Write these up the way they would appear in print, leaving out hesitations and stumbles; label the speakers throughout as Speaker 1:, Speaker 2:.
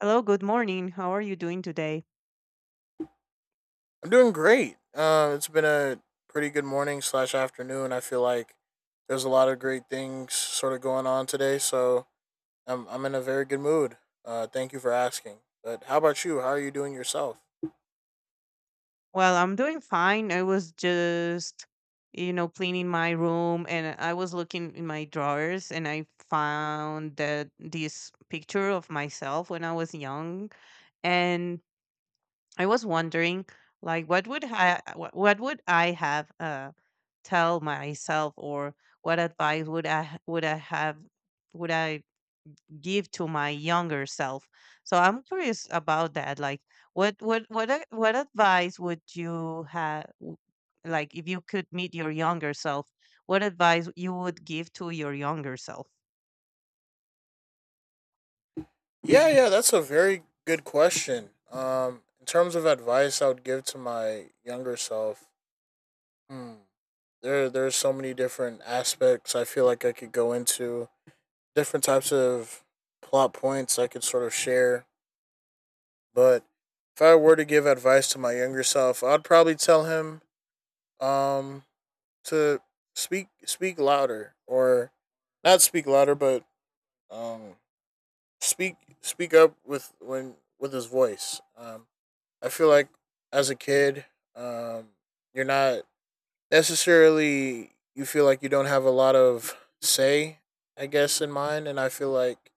Speaker 1: Hello, good morning. How are you doing today?
Speaker 2: I'm doing great. It's been a pretty good morning slash afternoon. I feel like there's a lot of great things sort of going on today, so I'm in a very good mood. Thank you for asking. But how about you? How are you doing yourself?
Speaker 1: Well, I'm doing fine. I was just, cleaning my room, and I was looking in my drawers and I found that this picture of myself when I was young. And I was wondering, like, what would I have tell myself, or what advice would I give to my younger self. So I'm curious about that. Like, what advice would you have? Like, if you could meet your younger self, what advice you would give to your younger self?
Speaker 2: Yeah, yeah, that's a very good question. In terms of advice, I would give to my younger self. Hmm, there's so many different aspects. I feel like I could go into different types of plot points I could sort of share. But if I were to give advice to my younger self, I'd probably tell him um to speak louder or not speak louder, but um speak up with when with his voice. I feel like as a kid, um, you're not necessarily you feel like you don't have a lot of say, I guess, in mind, and I feel like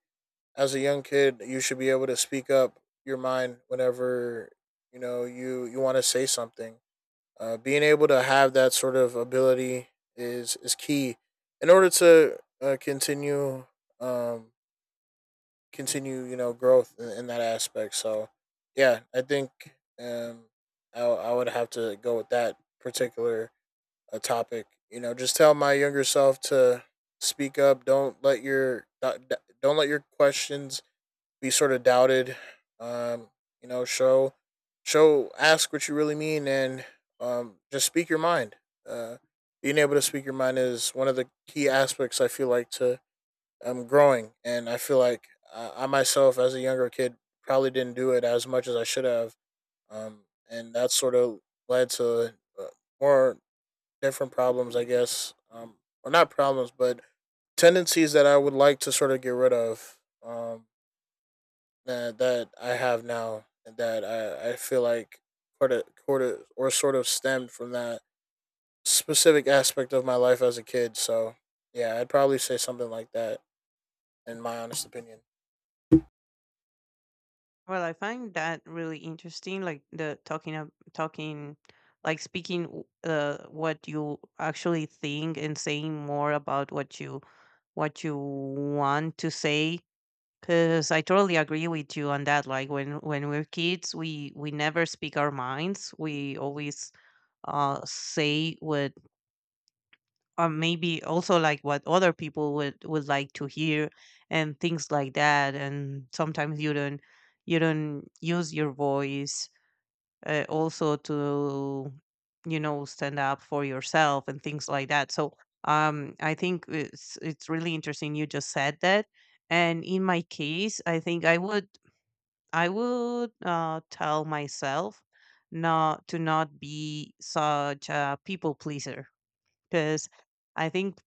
Speaker 2: as a young kid, you should be able to speak up your mind whenever you know you want to say something. Being able to have that sort of ability is key in order to continue um, continue you know growth in that aspect. So yeah, I think um, I would have to go with that particular topic. You know, just tell my younger self to speak up. Don't let your questions be sort of doubted. Um, you know, show ask what you really mean and just speak your mind. Uh, Being able to speak your mind is one of the key aspects I feel like to growing, and I feel like I myself as a younger kid probably didn't do it as much as I should have, um, and that sort of led to uh, more different problems, I guess, or not problems, but tendencies that I would like to sort of get rid of. That I have now and that I feel like sort of stemmed from that specific aspect of my life as a kid. So yeah, I'd probably say something like that in my honest opinion.
Speaker 1: Well, I find that really interesting. Like the talking of talking, like speaking what you actually think and saying more about what you want to say. Cause I totally agree with you on that. Like, when we're kids, we never speak our minds. We always say what, or maybe also like what other people would like to hear, and things like that. And sometimes you don't use your voice, also to, stand up for yourself and things like that. So, I think it's really interesting you just said that. And in my case, I think I would, tell myself not to, not be such a people pleaser, because I think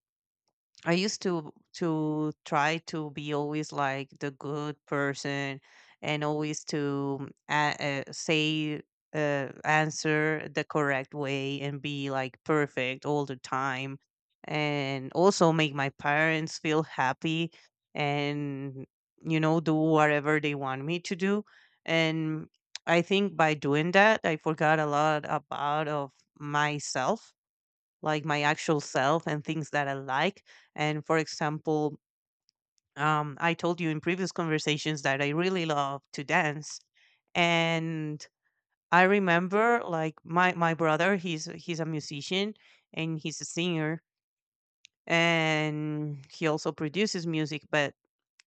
Speaker 1: I used to try to be always like the good person, and always to a- say answer the correct way, and be like perfect all the time, and also make my parents feel happy, and, do whatever they want me to do. And I think by doing that I forgot a lot about of myself, like my actual self and things that I like. And for example, I told you in previous conversations that I really love to dance, and I remember, like, my brother. He's a musician and he's a singer, and he also produces music. But,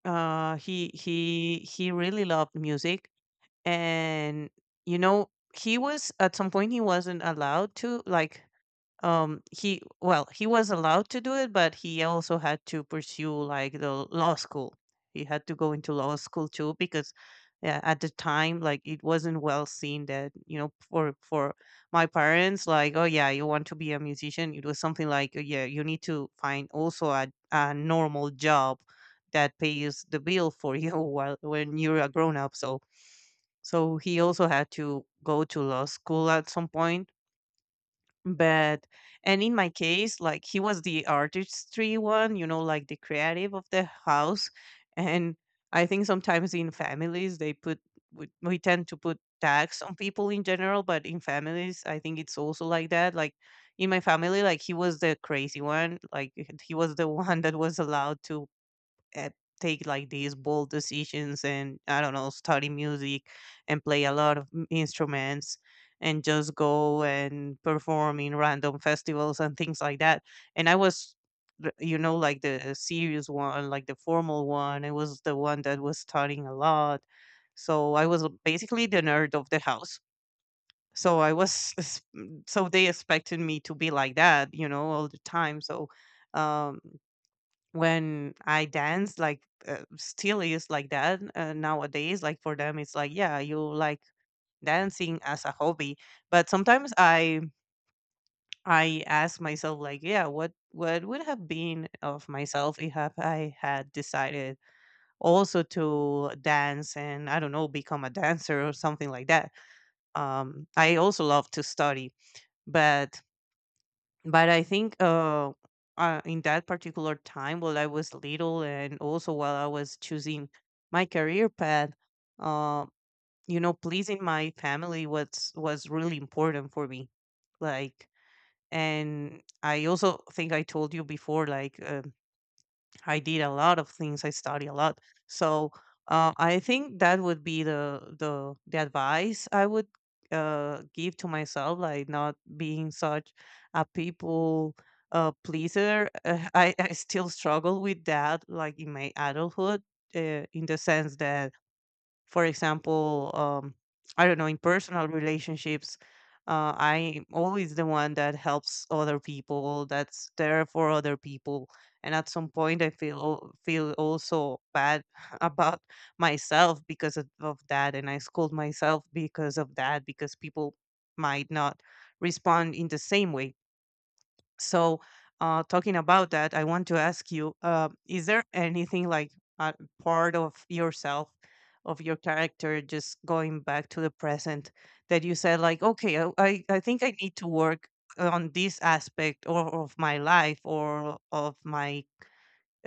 Speaker 1: he really loved music, and, you know he was, at some point he wasn't allowed to, like, he, well, he was allowed to do it, but he also had to pursue, like, the law school. He had to go into law school too, because, yeah, at the time, like, it wasn't well seen that, for my parents, like, "Oh yeah, you want to be a musician." It was something like, "Oh, yeah, you need to find also a normal job that pays the bill for you while when you're a grown up," so he also had to go to law school at some point. But, and in my case, like, he was the artistry one, you know, like the creative of the house. And I think sometimes in families they put, we tend to put tax on people in general, but in families I think it's also like that. Like, in my family, like, he was the crazy one, like he was the one that was allowed to, uh, take, like, these bold decisions, and I don't know, study music, and play a lot of instruments, and just go and perform in random festivals and things like that. And I was, like, the serious one, like the formal one. I was the one that was studying a lot. So I was basically the nerd of the house. So I was, so they expected me to be like that, you know, all the time. So, um, when I dance, like, still is like that, nowadays. Like, for them, it's like, yeah, you like dancing as a hobby. But sometimes I ask myself, like, yeah, what would have been of myself if have I had decided also to dance, and I don't know, become a dancer or something like that. I also love to study, but. But I think, in that particular time, while I was little, and also while I was choosing my career path, uh, pleasing my family was really important for me. Like, and I also think I told you before, like, I did a lot of things. I study a lot. So, I think that would be the advice I would, give to myself, like, not being such a people, pleaser. I still struggle with that, like, in my adulthood, in the sense that, for example, I don't know, in personal relationships, I'm always the one that helps other people, that's there for other people. And at some point, I feel, feel also bad about myself because of that, and I scold myself because of that, because people might not respond in the same way. So, talking about that, I want to ask you: is there anything like, uh, part of yourself, of your character, just going back to the present, that you said, like, okay, I think I need to work on this aspect, or of my life, or of my,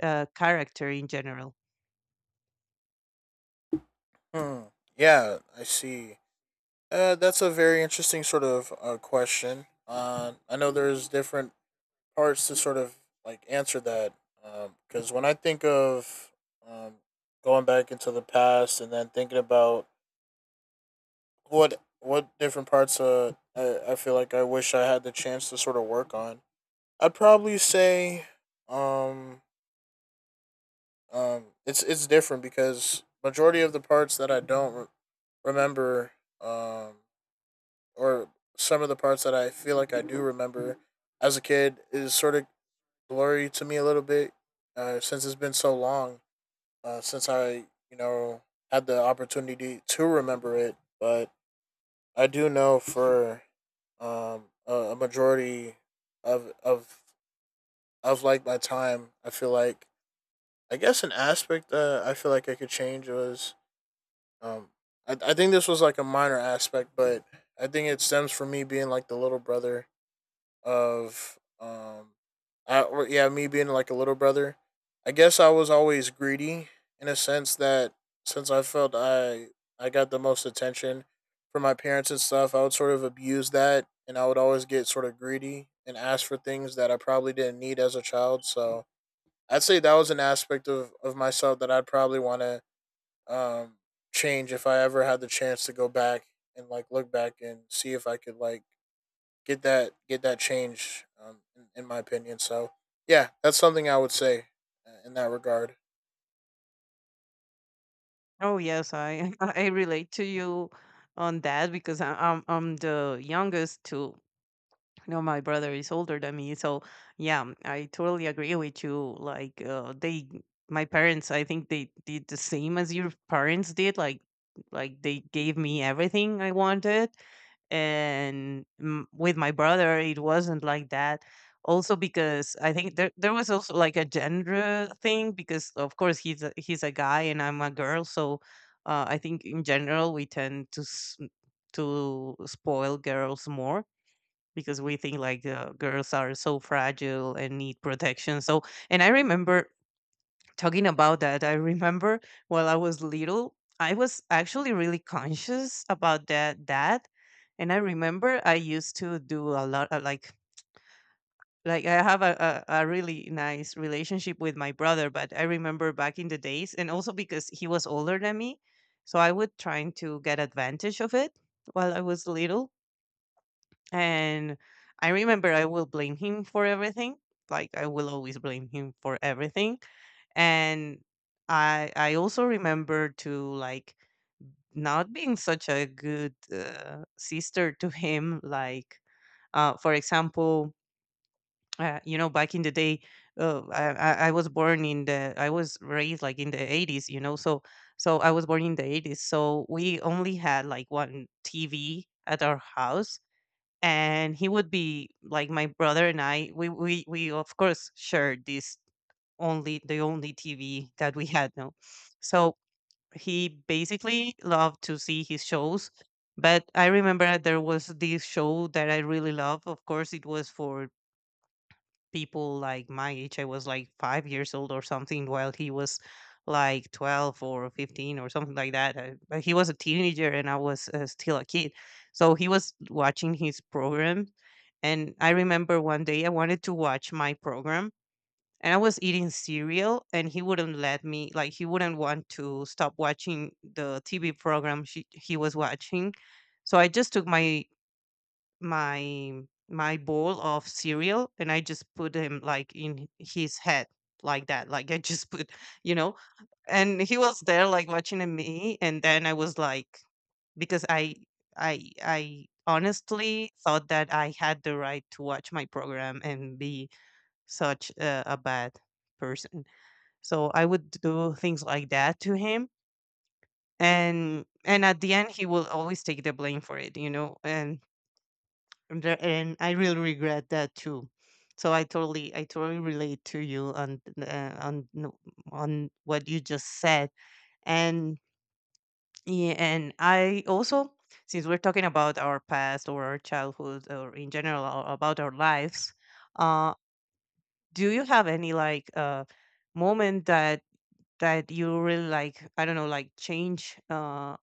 Speaker 1: character in general?
Speaker 2: Hmm. Yeah, I see. That's a very interesting sort of question. I know there's different parts to sort of like answer that because when I think of um, going back into the past and then thinking about what different parts I feel like I wish I had the chance to sort of work on. I'd probably say um it's different because majority of the parts that I don't remember um or some of the parts that I feel like I do remember as a kid is sort of blurry to me a little bit, since it's been so long, since I you know had the opportunity to remember it. But I do know for a majority of of of like my time, I feel like I guess an aspect that I feel like I could change was um I think this was like a minor aspect, but I think it stems from me being like the little brother of I or yeah, me being like a little brother. I guess I was always greedy in a sense that since I felt I got the most attention from my parents and stuff, I would sort of abuse that and I would always get sort of greedy and ask for things that I probably didn't need as a child. So I'd say that was an aspect of myself that I'd probably want to um, change if I ever had the chance to go back and like look back and see if I could like get that change, in my opinion. So yeah, that's something I would say in that regard.
Speaker 1: Oh yes, I I relate to you on that, because I'm the youngest to. No, my brother is older than me, so yeah, I totally agree with you. Like, my parents, I think they did the same as your parents did. Like, they gave me everything I wanted, and, with my brother, it wasn't like that. Also, because I think there was also like a gender thing, because of course he's a guy and I'm a girl, so, I think in general we tend to spoil girls more, because we think like, girls are so fragile and need protection. So, and I remember talking about that. I remember while I was little, I was actually really conscious about that. That, and I remember I used to do a lot of, like, I have a really nice relationship with my brother, but I remember back in the days, and also because he was older than me, so I would trying to get advantage of it while I was little, and I remember I will blame him for everything. Like, I will always blame him for everything. And I also remember to, like, not being such a good, sister to him. Like, for example, back in the day, I, I was born in I was raised, like, in the 80s, So I was born in the 80s. So we only had like one TV at our house, and he would be like my brother and I. We of course shared this only the only TV that we had, no. So he basically loved to see his shows. But I remember there was this show that I really loved. Of course, it was for people like my age. I was like 5 years old or something, while he was like 12 or 15 or something like that. But he was a teenager and I was, still a kid. So he was watching his program. And I remember one day I wanted to watch my program, and I was eating cereal, and he wouldn't let me, like, he wouldn't want to stop watching the TV program he was watching. So I just took my my bowl of cereal and I just put him, like, in his head, like that. Like, I just put, you know, and he was there, like, watching at me, and then I was like, because I honestly thought that I had the right to watch my program and be such a bad person. So I would do things like that to him, and at the end he will always take the blame for it. And I really regret that too. So I totally, relate to you on what you just said, and yeah, and I also, since we're talking about our past or our childhood or in general, about our lives, uh, do you have any, like, moment that you really like? I don't know, like, change.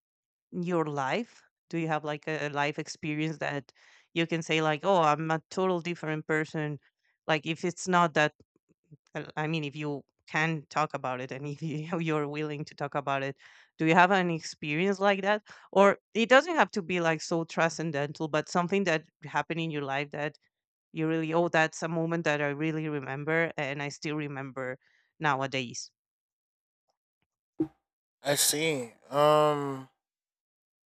Speaker 1: Your life? Do you have like, life experience that you can say, like, "Oh, I'm a total different person." Like, if it's not that, I mean, if you can talk about it, and if you, you're willing to talk about it, do you have an experience like that? Or it doesn't have to be like so transcendental, but something that happened in your life that you really, oh, that's a moment that I really remember and I still remember nowadays.
Speaker 2: I see.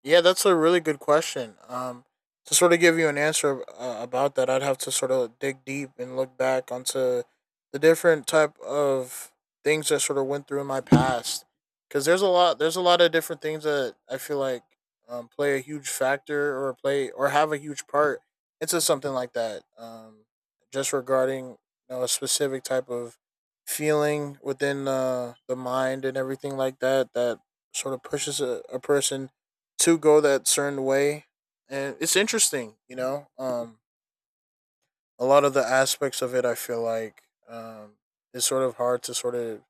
Speaker 2: Yeah, that's a really good question. To sort of give you an answer about that, I'd have to sort of dig deep and look back onto the different type of things that sort of went through in my past. Because there's a lot of different things that I feel like play a huge factor or play or have a huge part into something like that. Just regarding you know a specific type of feeling within the mind and everything like that that sort of pushes a person to go that certain way. And it's interesting you know a lot of the aspects of it I feel like um is sort of hard to sort of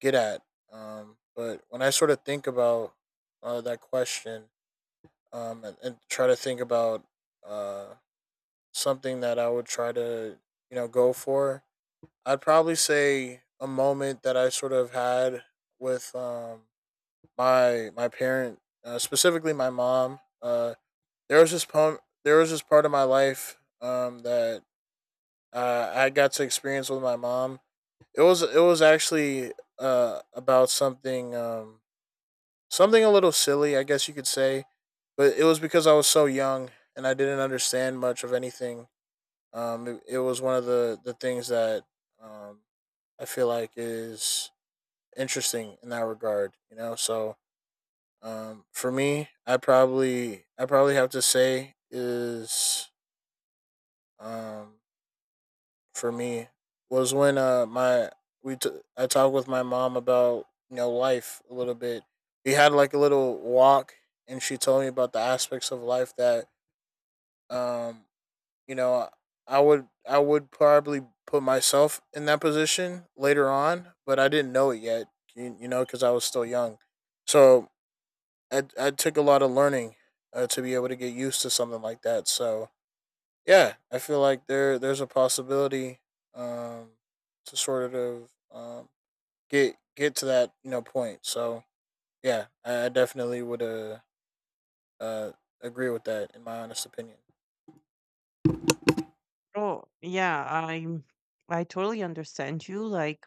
Speaker 2: get at, but when I sort of think about that question, and try to think about uh something that I would try to you know go for, I'd probably say a moment that I sort of had with my parent, specifically my mom. There was this part of my life that, I got to experience with my mom. It was actually about something, something a little silly, I guess you could say, but it was because I was so young and I didn't understand much of anything. It was one of the things that um I feel like is interesting in that regard, you know. So for me, I probably have to say is um for me was when I talked with my mom about you know life a little bit. We had like a little walk, and she told me about the aspects of life that um you know I would probably put myself in that position later on, but I didn't know it yet. You know because I was still young, so I took a lot of learning to be able to get used to something like that. So yeah, I feel like there's a possibility um, to get to that you know point. So yeah, I definitely would uh, agree with that in my honest opinion.
Speaker 1: Oh, yeah, I totally understand you. Like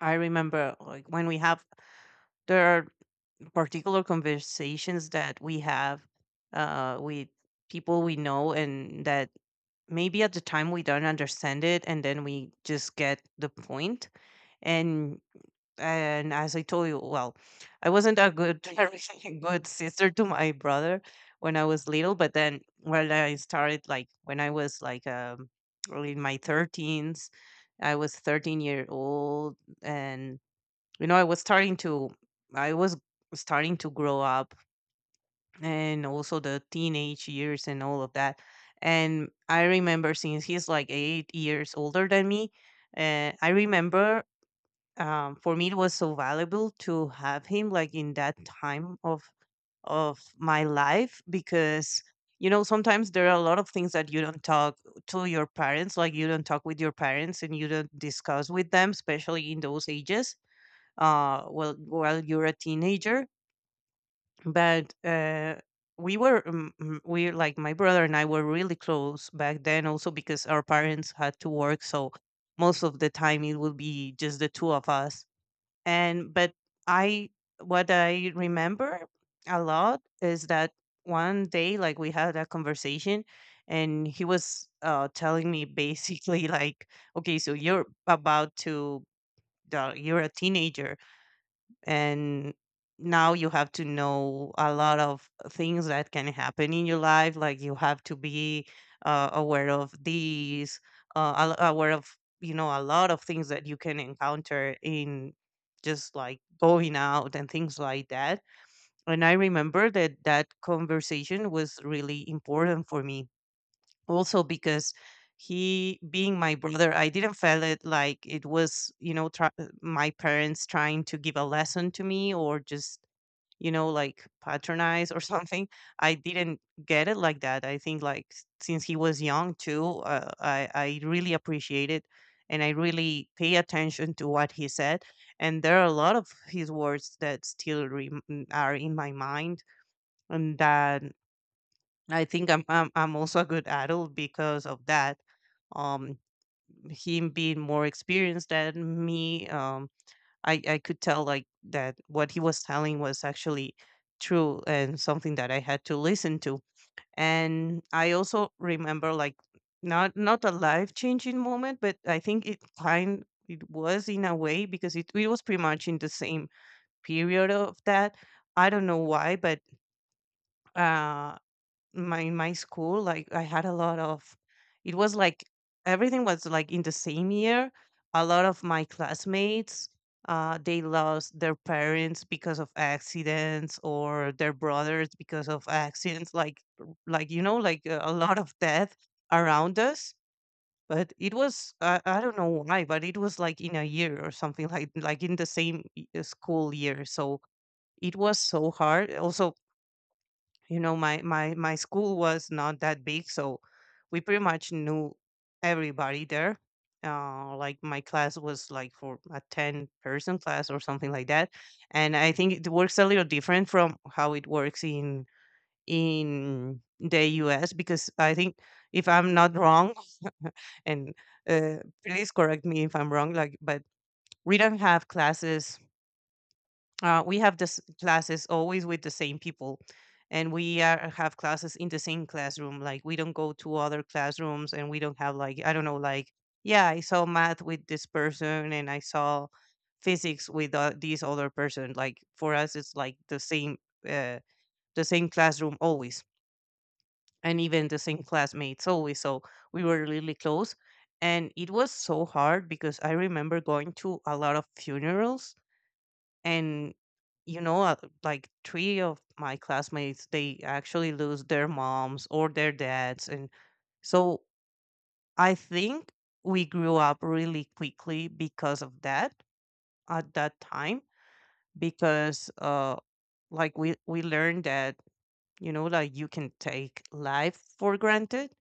Speaker 1: I remember like when we have there are particular conversations that we have with people we know, and that maybe at the time we don't understand it, and then we just get the point. And and as I told you, well, I wasn't a good a really good sister to my brother when I was little. But then when I started, like when I was like early in my 13s, I was 13-year old, and you know, I was starting to grow up, and also the teenage years and all of that. And I remember, since he's like 8 years older than me, I remember, for me it was so valuable to have him like in that time of my life, because you know sometimes there are a lot of things that you don't talk to your parents, like you don't talk with your parents and you don't discuss with them, especially in those ages. Well, while you're a teenager. But we were we, like my brother and I were really close back then, also because our parents had to work, so most of the time it would be just the two of us. And but I, what I remember a lot is that one day, like we had a conversation, and he was telling me, basically, like, okay, so you're about to you're a teenager, and now you have to know a lot of things that can happen in your life. Like you have to be aware of these, aware of, you know, a lot of things that you can encounter in, just like going out and things like that. And I remember that that conversation was really important for me, also because, he being my brother, I didn't feel it like it was, you know, my parents trying to give a lesson to me, or just, you know, like patronize, or something. I didn't get it like that. I think, like, since he was young too, I really appreciate it, and I really pay attention to what he said. And there are a lot of his words that are in my mind. And that, I think, I'm also a good adult because of that. Um, Him being more experienced than me, I could tell, like, that what he was telling was actually true, and something that I had to listen to. And I also remember, like, not a life changing moment, but I think it kind it was, in a way, because it was pretty much in the same period of that. I don't know why, but uh, my school, like I had a lot of, it was like everything was like in the same year. A lot of my classmates, they lost their parents because of accidents, or their brothers because of accidents, like, you know, like a lot of death around us. But it was, I don't know why, but it was like in a year or something, like in the same school year. So it was so hard. Also, you know, my school was not that big, so we pretty much knew everybody there. Like my class was like for a 10-person class or something like that. And I think it works a little different from how it works in the US, because I think, if I'm not wrong, and uh, please correct me if I'm wrong, like, but we don't have classes. We have this classes always with the same people, and we are, have classes in the same classroom. Like we don't go to other classrooms, and we don't have like, I don't know, like, yeah, I saw math with this person, and I saw physics with this other person. Like for us it's like the same, uh, the same classroom always, and even the same classmates always. So we were really close. And it was so hard, because I remember going to a lot of funerals. And, you know, like three of my classmates, they actually lose their moms or their dads. And so I think we grew up really quickly because of that, at that time, because like we learned that, you know, like, you can take life for granted,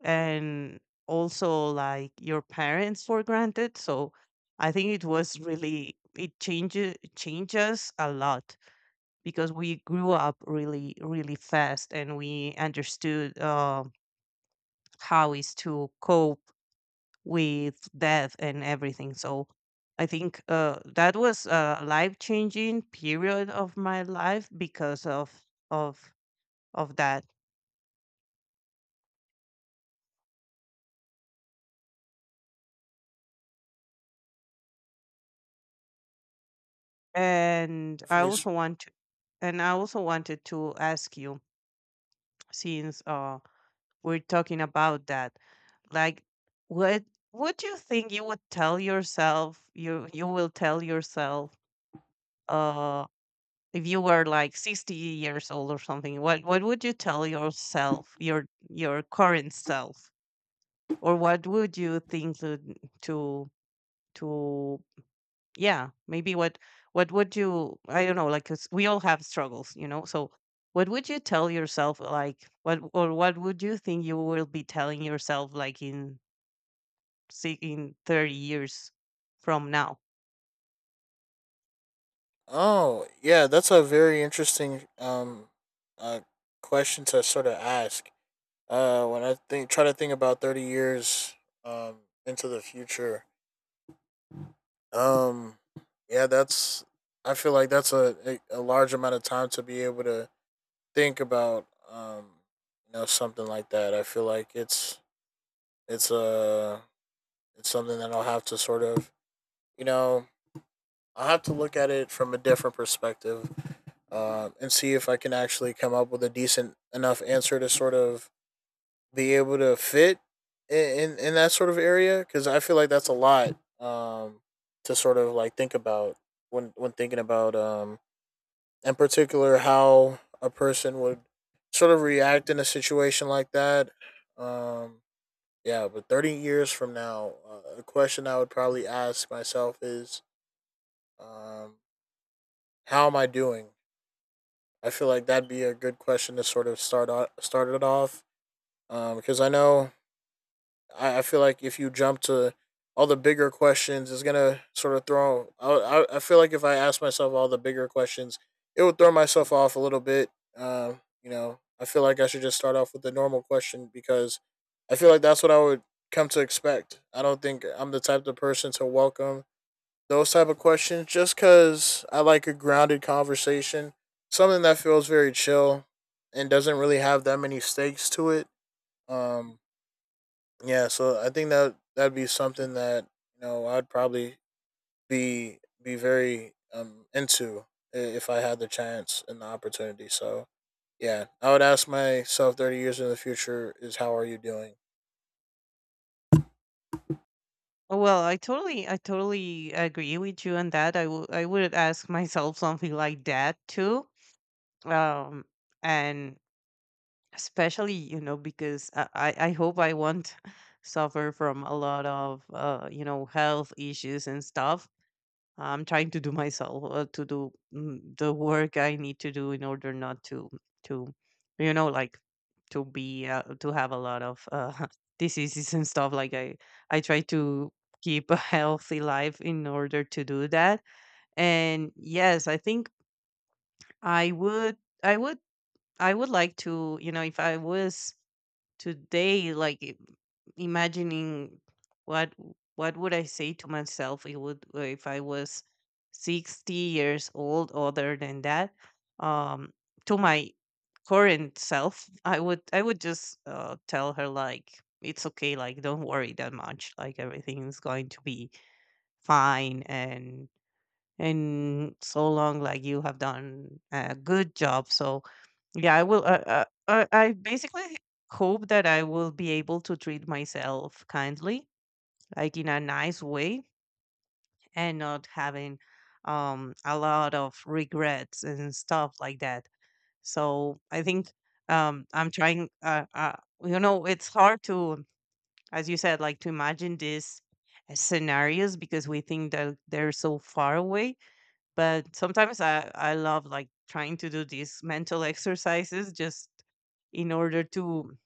Speaker 1: and also like your parents for granted. So I think it was really, it changes a lot. Because we grew up really really fast, and we understood how is to cope with death and everything. So I think that was a life changing period of my life because of of that. and i
Speaker 2: Definitely.
Speaker 1: also want to and I also wanted to ask you, since we're talking about that, like, what what do you think you would tell yourself, you will tell yourself, uh if you were like 60 years old or something? What would you tell yourself, your current self? Or what would you think to to yeah, maybe, what would you, I don't know, like, 'cause we all have struggles, you know. So what would you tell yourself, like, what, or what would you think you will be telling yourself, like, in in 30 years from now?
Speaker 2: Oh yeah, that's a very interesting uh, question to sort of ask. When I think try to think about 30 years um, into the future, um, yeah, that's I feel like that's a large amount of time to be able to think about, you know something like that. I feel like it's a it's something that I'll have to sort of you know I'll have to look at it from a different perspective, and see if I can actually come up with a decent enough answer to sort of be able to fit in that sort of area because I feel like that's a lot um to sort of like think about when thinking about, in particular how a person would sort of react in a situation like that. Um, yeah, but 30 years from now, a question I would probably ask myself is, um, how am I doing? I feel like that'd be a good question to sort of start start it off, because I know I feel like if you jump to all the bigger questions, it's gonna sort of throw. Feel like if I ask myself all the bigger questions, it would throw myself off a little bit. You know, I feel like I should just start off with the normal question because I feel like that's what I would come to expect. I don't think I'm the type of person to welcome those type of questions just because I like a grounded conversation, something that feels very chill and doesn't really have that many stakes to it. Um, yeah, so I think that that'd be something that you know I'd probably be very into if I had the chance and the opportunity. So yeah, I would ask myself 30 years in the future is how are you doing?
Speaker 1: Oh, well, I totally agree with you on that. I would ask myself something like that too. Um, and especially, you know, because I hope I won't suffer from a lot of, you know, health issues and stuff. I'm trying to do myself the work I need to do in order not to to you know, like, to be to have a lot of diseases and stuff. I try to keep a healthy life in order to do that. And yes, I think I would I would I would like to, you know, if I was today, like, imagining what what would I say to myself, it would, if I was 60 years old. Other than that, um to my current self, I would just tell her, like, it's okay, like, don't worry that much, like, everything is going to be fine, and in so long, like, you have done a good job. So yeah, I will. I basically hope that I will be able to treat myself kindly, like in a nice way, and not having a lot of regrets and stuff like that. So I think I'm trying. You know, it's hard to, as you said, like, to imagine these scenarios because we think that they're so far away. But sometimes I love, like, trying to do these mental exercises, just in order to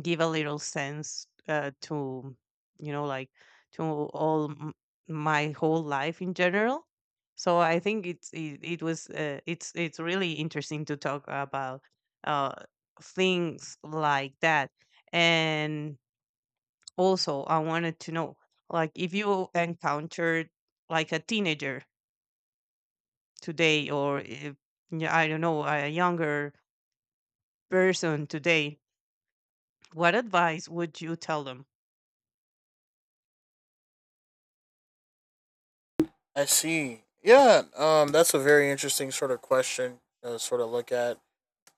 Speaker 1: give a little sense, to, you know, like, to my whole life in general. So I think it was it's really interesting to talk about uh things like that. And also I wanted to know, like, if you encountered like a teenager today, or if, yeah, I don't know, a younger person today, what advice would you tell them?
Speaker 2: I see. Yeah, that's a very interesting sort of question to sort of look at.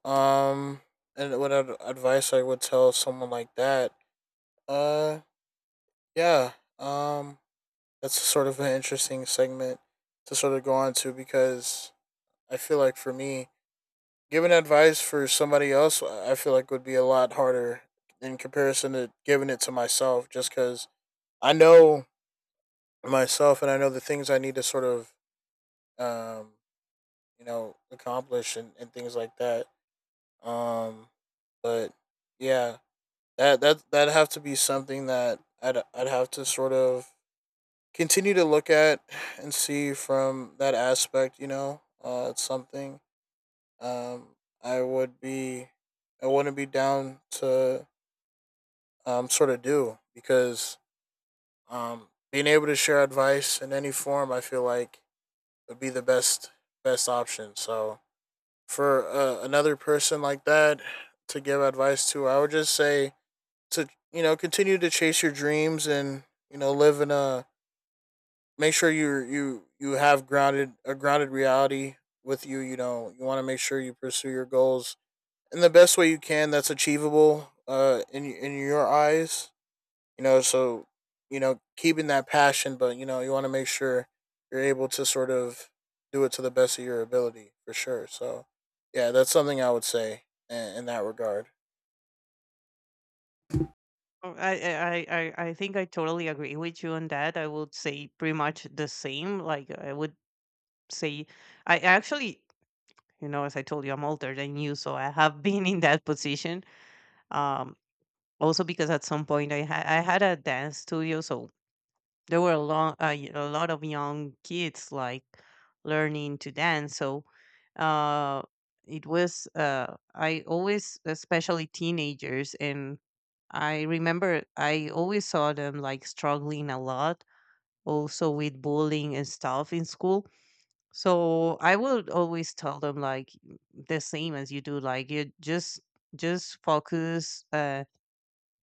Speaker 2: Um, and what advice I would tell someone like that? Uh, yeah. Um, that's sort of an interesting segment to sort of go on to because I feel like for me, giving advice for somebody else, I feel like would be a lot harder in comparison to giving it to myself, just because I know myself and I know the things I need to sort of, um, you know, accomplish and things like that. Um, but yeah, that'd have to be something that I'd have to sort of continue to look at and see from that aspect. You know, it's something, um, I would be, I wouldn't be down to sort of do because being able to share advice in any form, I feel like would be the best option. So for another person like that to give advice to, I would just say to you know continue to chase your dreams and you know live in a make sure you have grounded reality with you. You know you want to make sure you pursue your goals in the best way you can that's achievable in your eyes you know so you know keeping that passion but you know you want to make sure you're able to sort of do it to the best of your ability for sure. So yeah, that's something I would say in that regard.
Speaker 1: Oh, I think I totally agree with you on that. I would say pretty much the same. Like I would say, I actually, you know, as I told you, I'm older than you, so I have been in that position. Um, Also because at some point I had a dance studio. So there were a lot, a lot of young kids, like, learning to dance. So uh, it was, I always, especially teenagers, and I remember I always saw them like struggling a lot, also with bullying and stuff in school. So I would always tell them, like, the same as you do, like, you just focus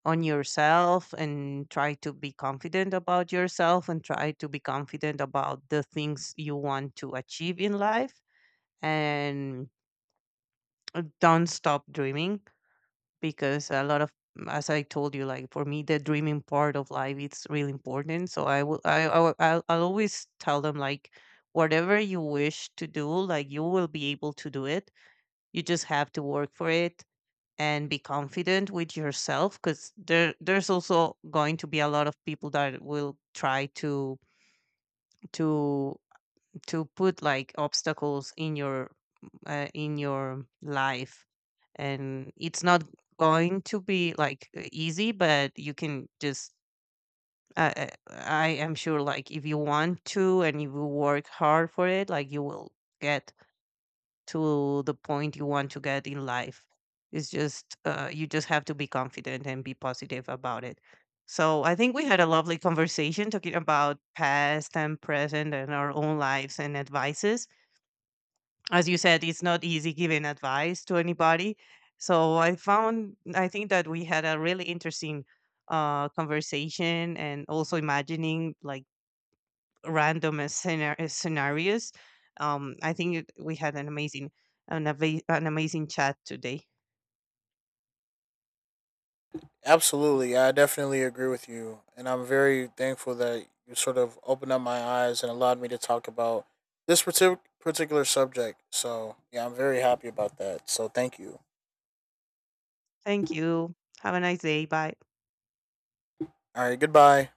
Speaker 1: on yourself, and try to be confident about yourself, and try to be confident about the things you want to achieve in life, and don't stop dreaming, because a lot of, as I told you, like, for me the dreaming part of life, it's really important. So I will I will- I'll always tell them, like, whatever you wish to do, like, you will be able to do it. You just have to work for it, and be confident with yourself, because there's also going to be a lot of people that will try to to put, like, obstacles in your, in your life. And it's not going to be like, easy, but you can just, I am sure, like, if you want to, and if you work hard for it, like, you will get to the point you want to get in life. It's just, you just have to be confident and be positive about it. So I think we had a lovely conversation talking about past and present, and our own lives, and advices. As you said, it's not easy giving advice to anybody. So I found, I think, that we had a really interesting conversation, and also imagining, like, scenarios. I think we had an amazing, an amazing chat today.
Speaker 2: Absolutely. Yeah, I definitely agree with you and I'm very thankful that you sort of opened up my eyes and allowed me to talk about this particular subject. So yeah, I'm very happy about that, so thank you.
Speaker 1: Thank you. Have a nice day. Bye.
Speaker 2: All right, goodbye.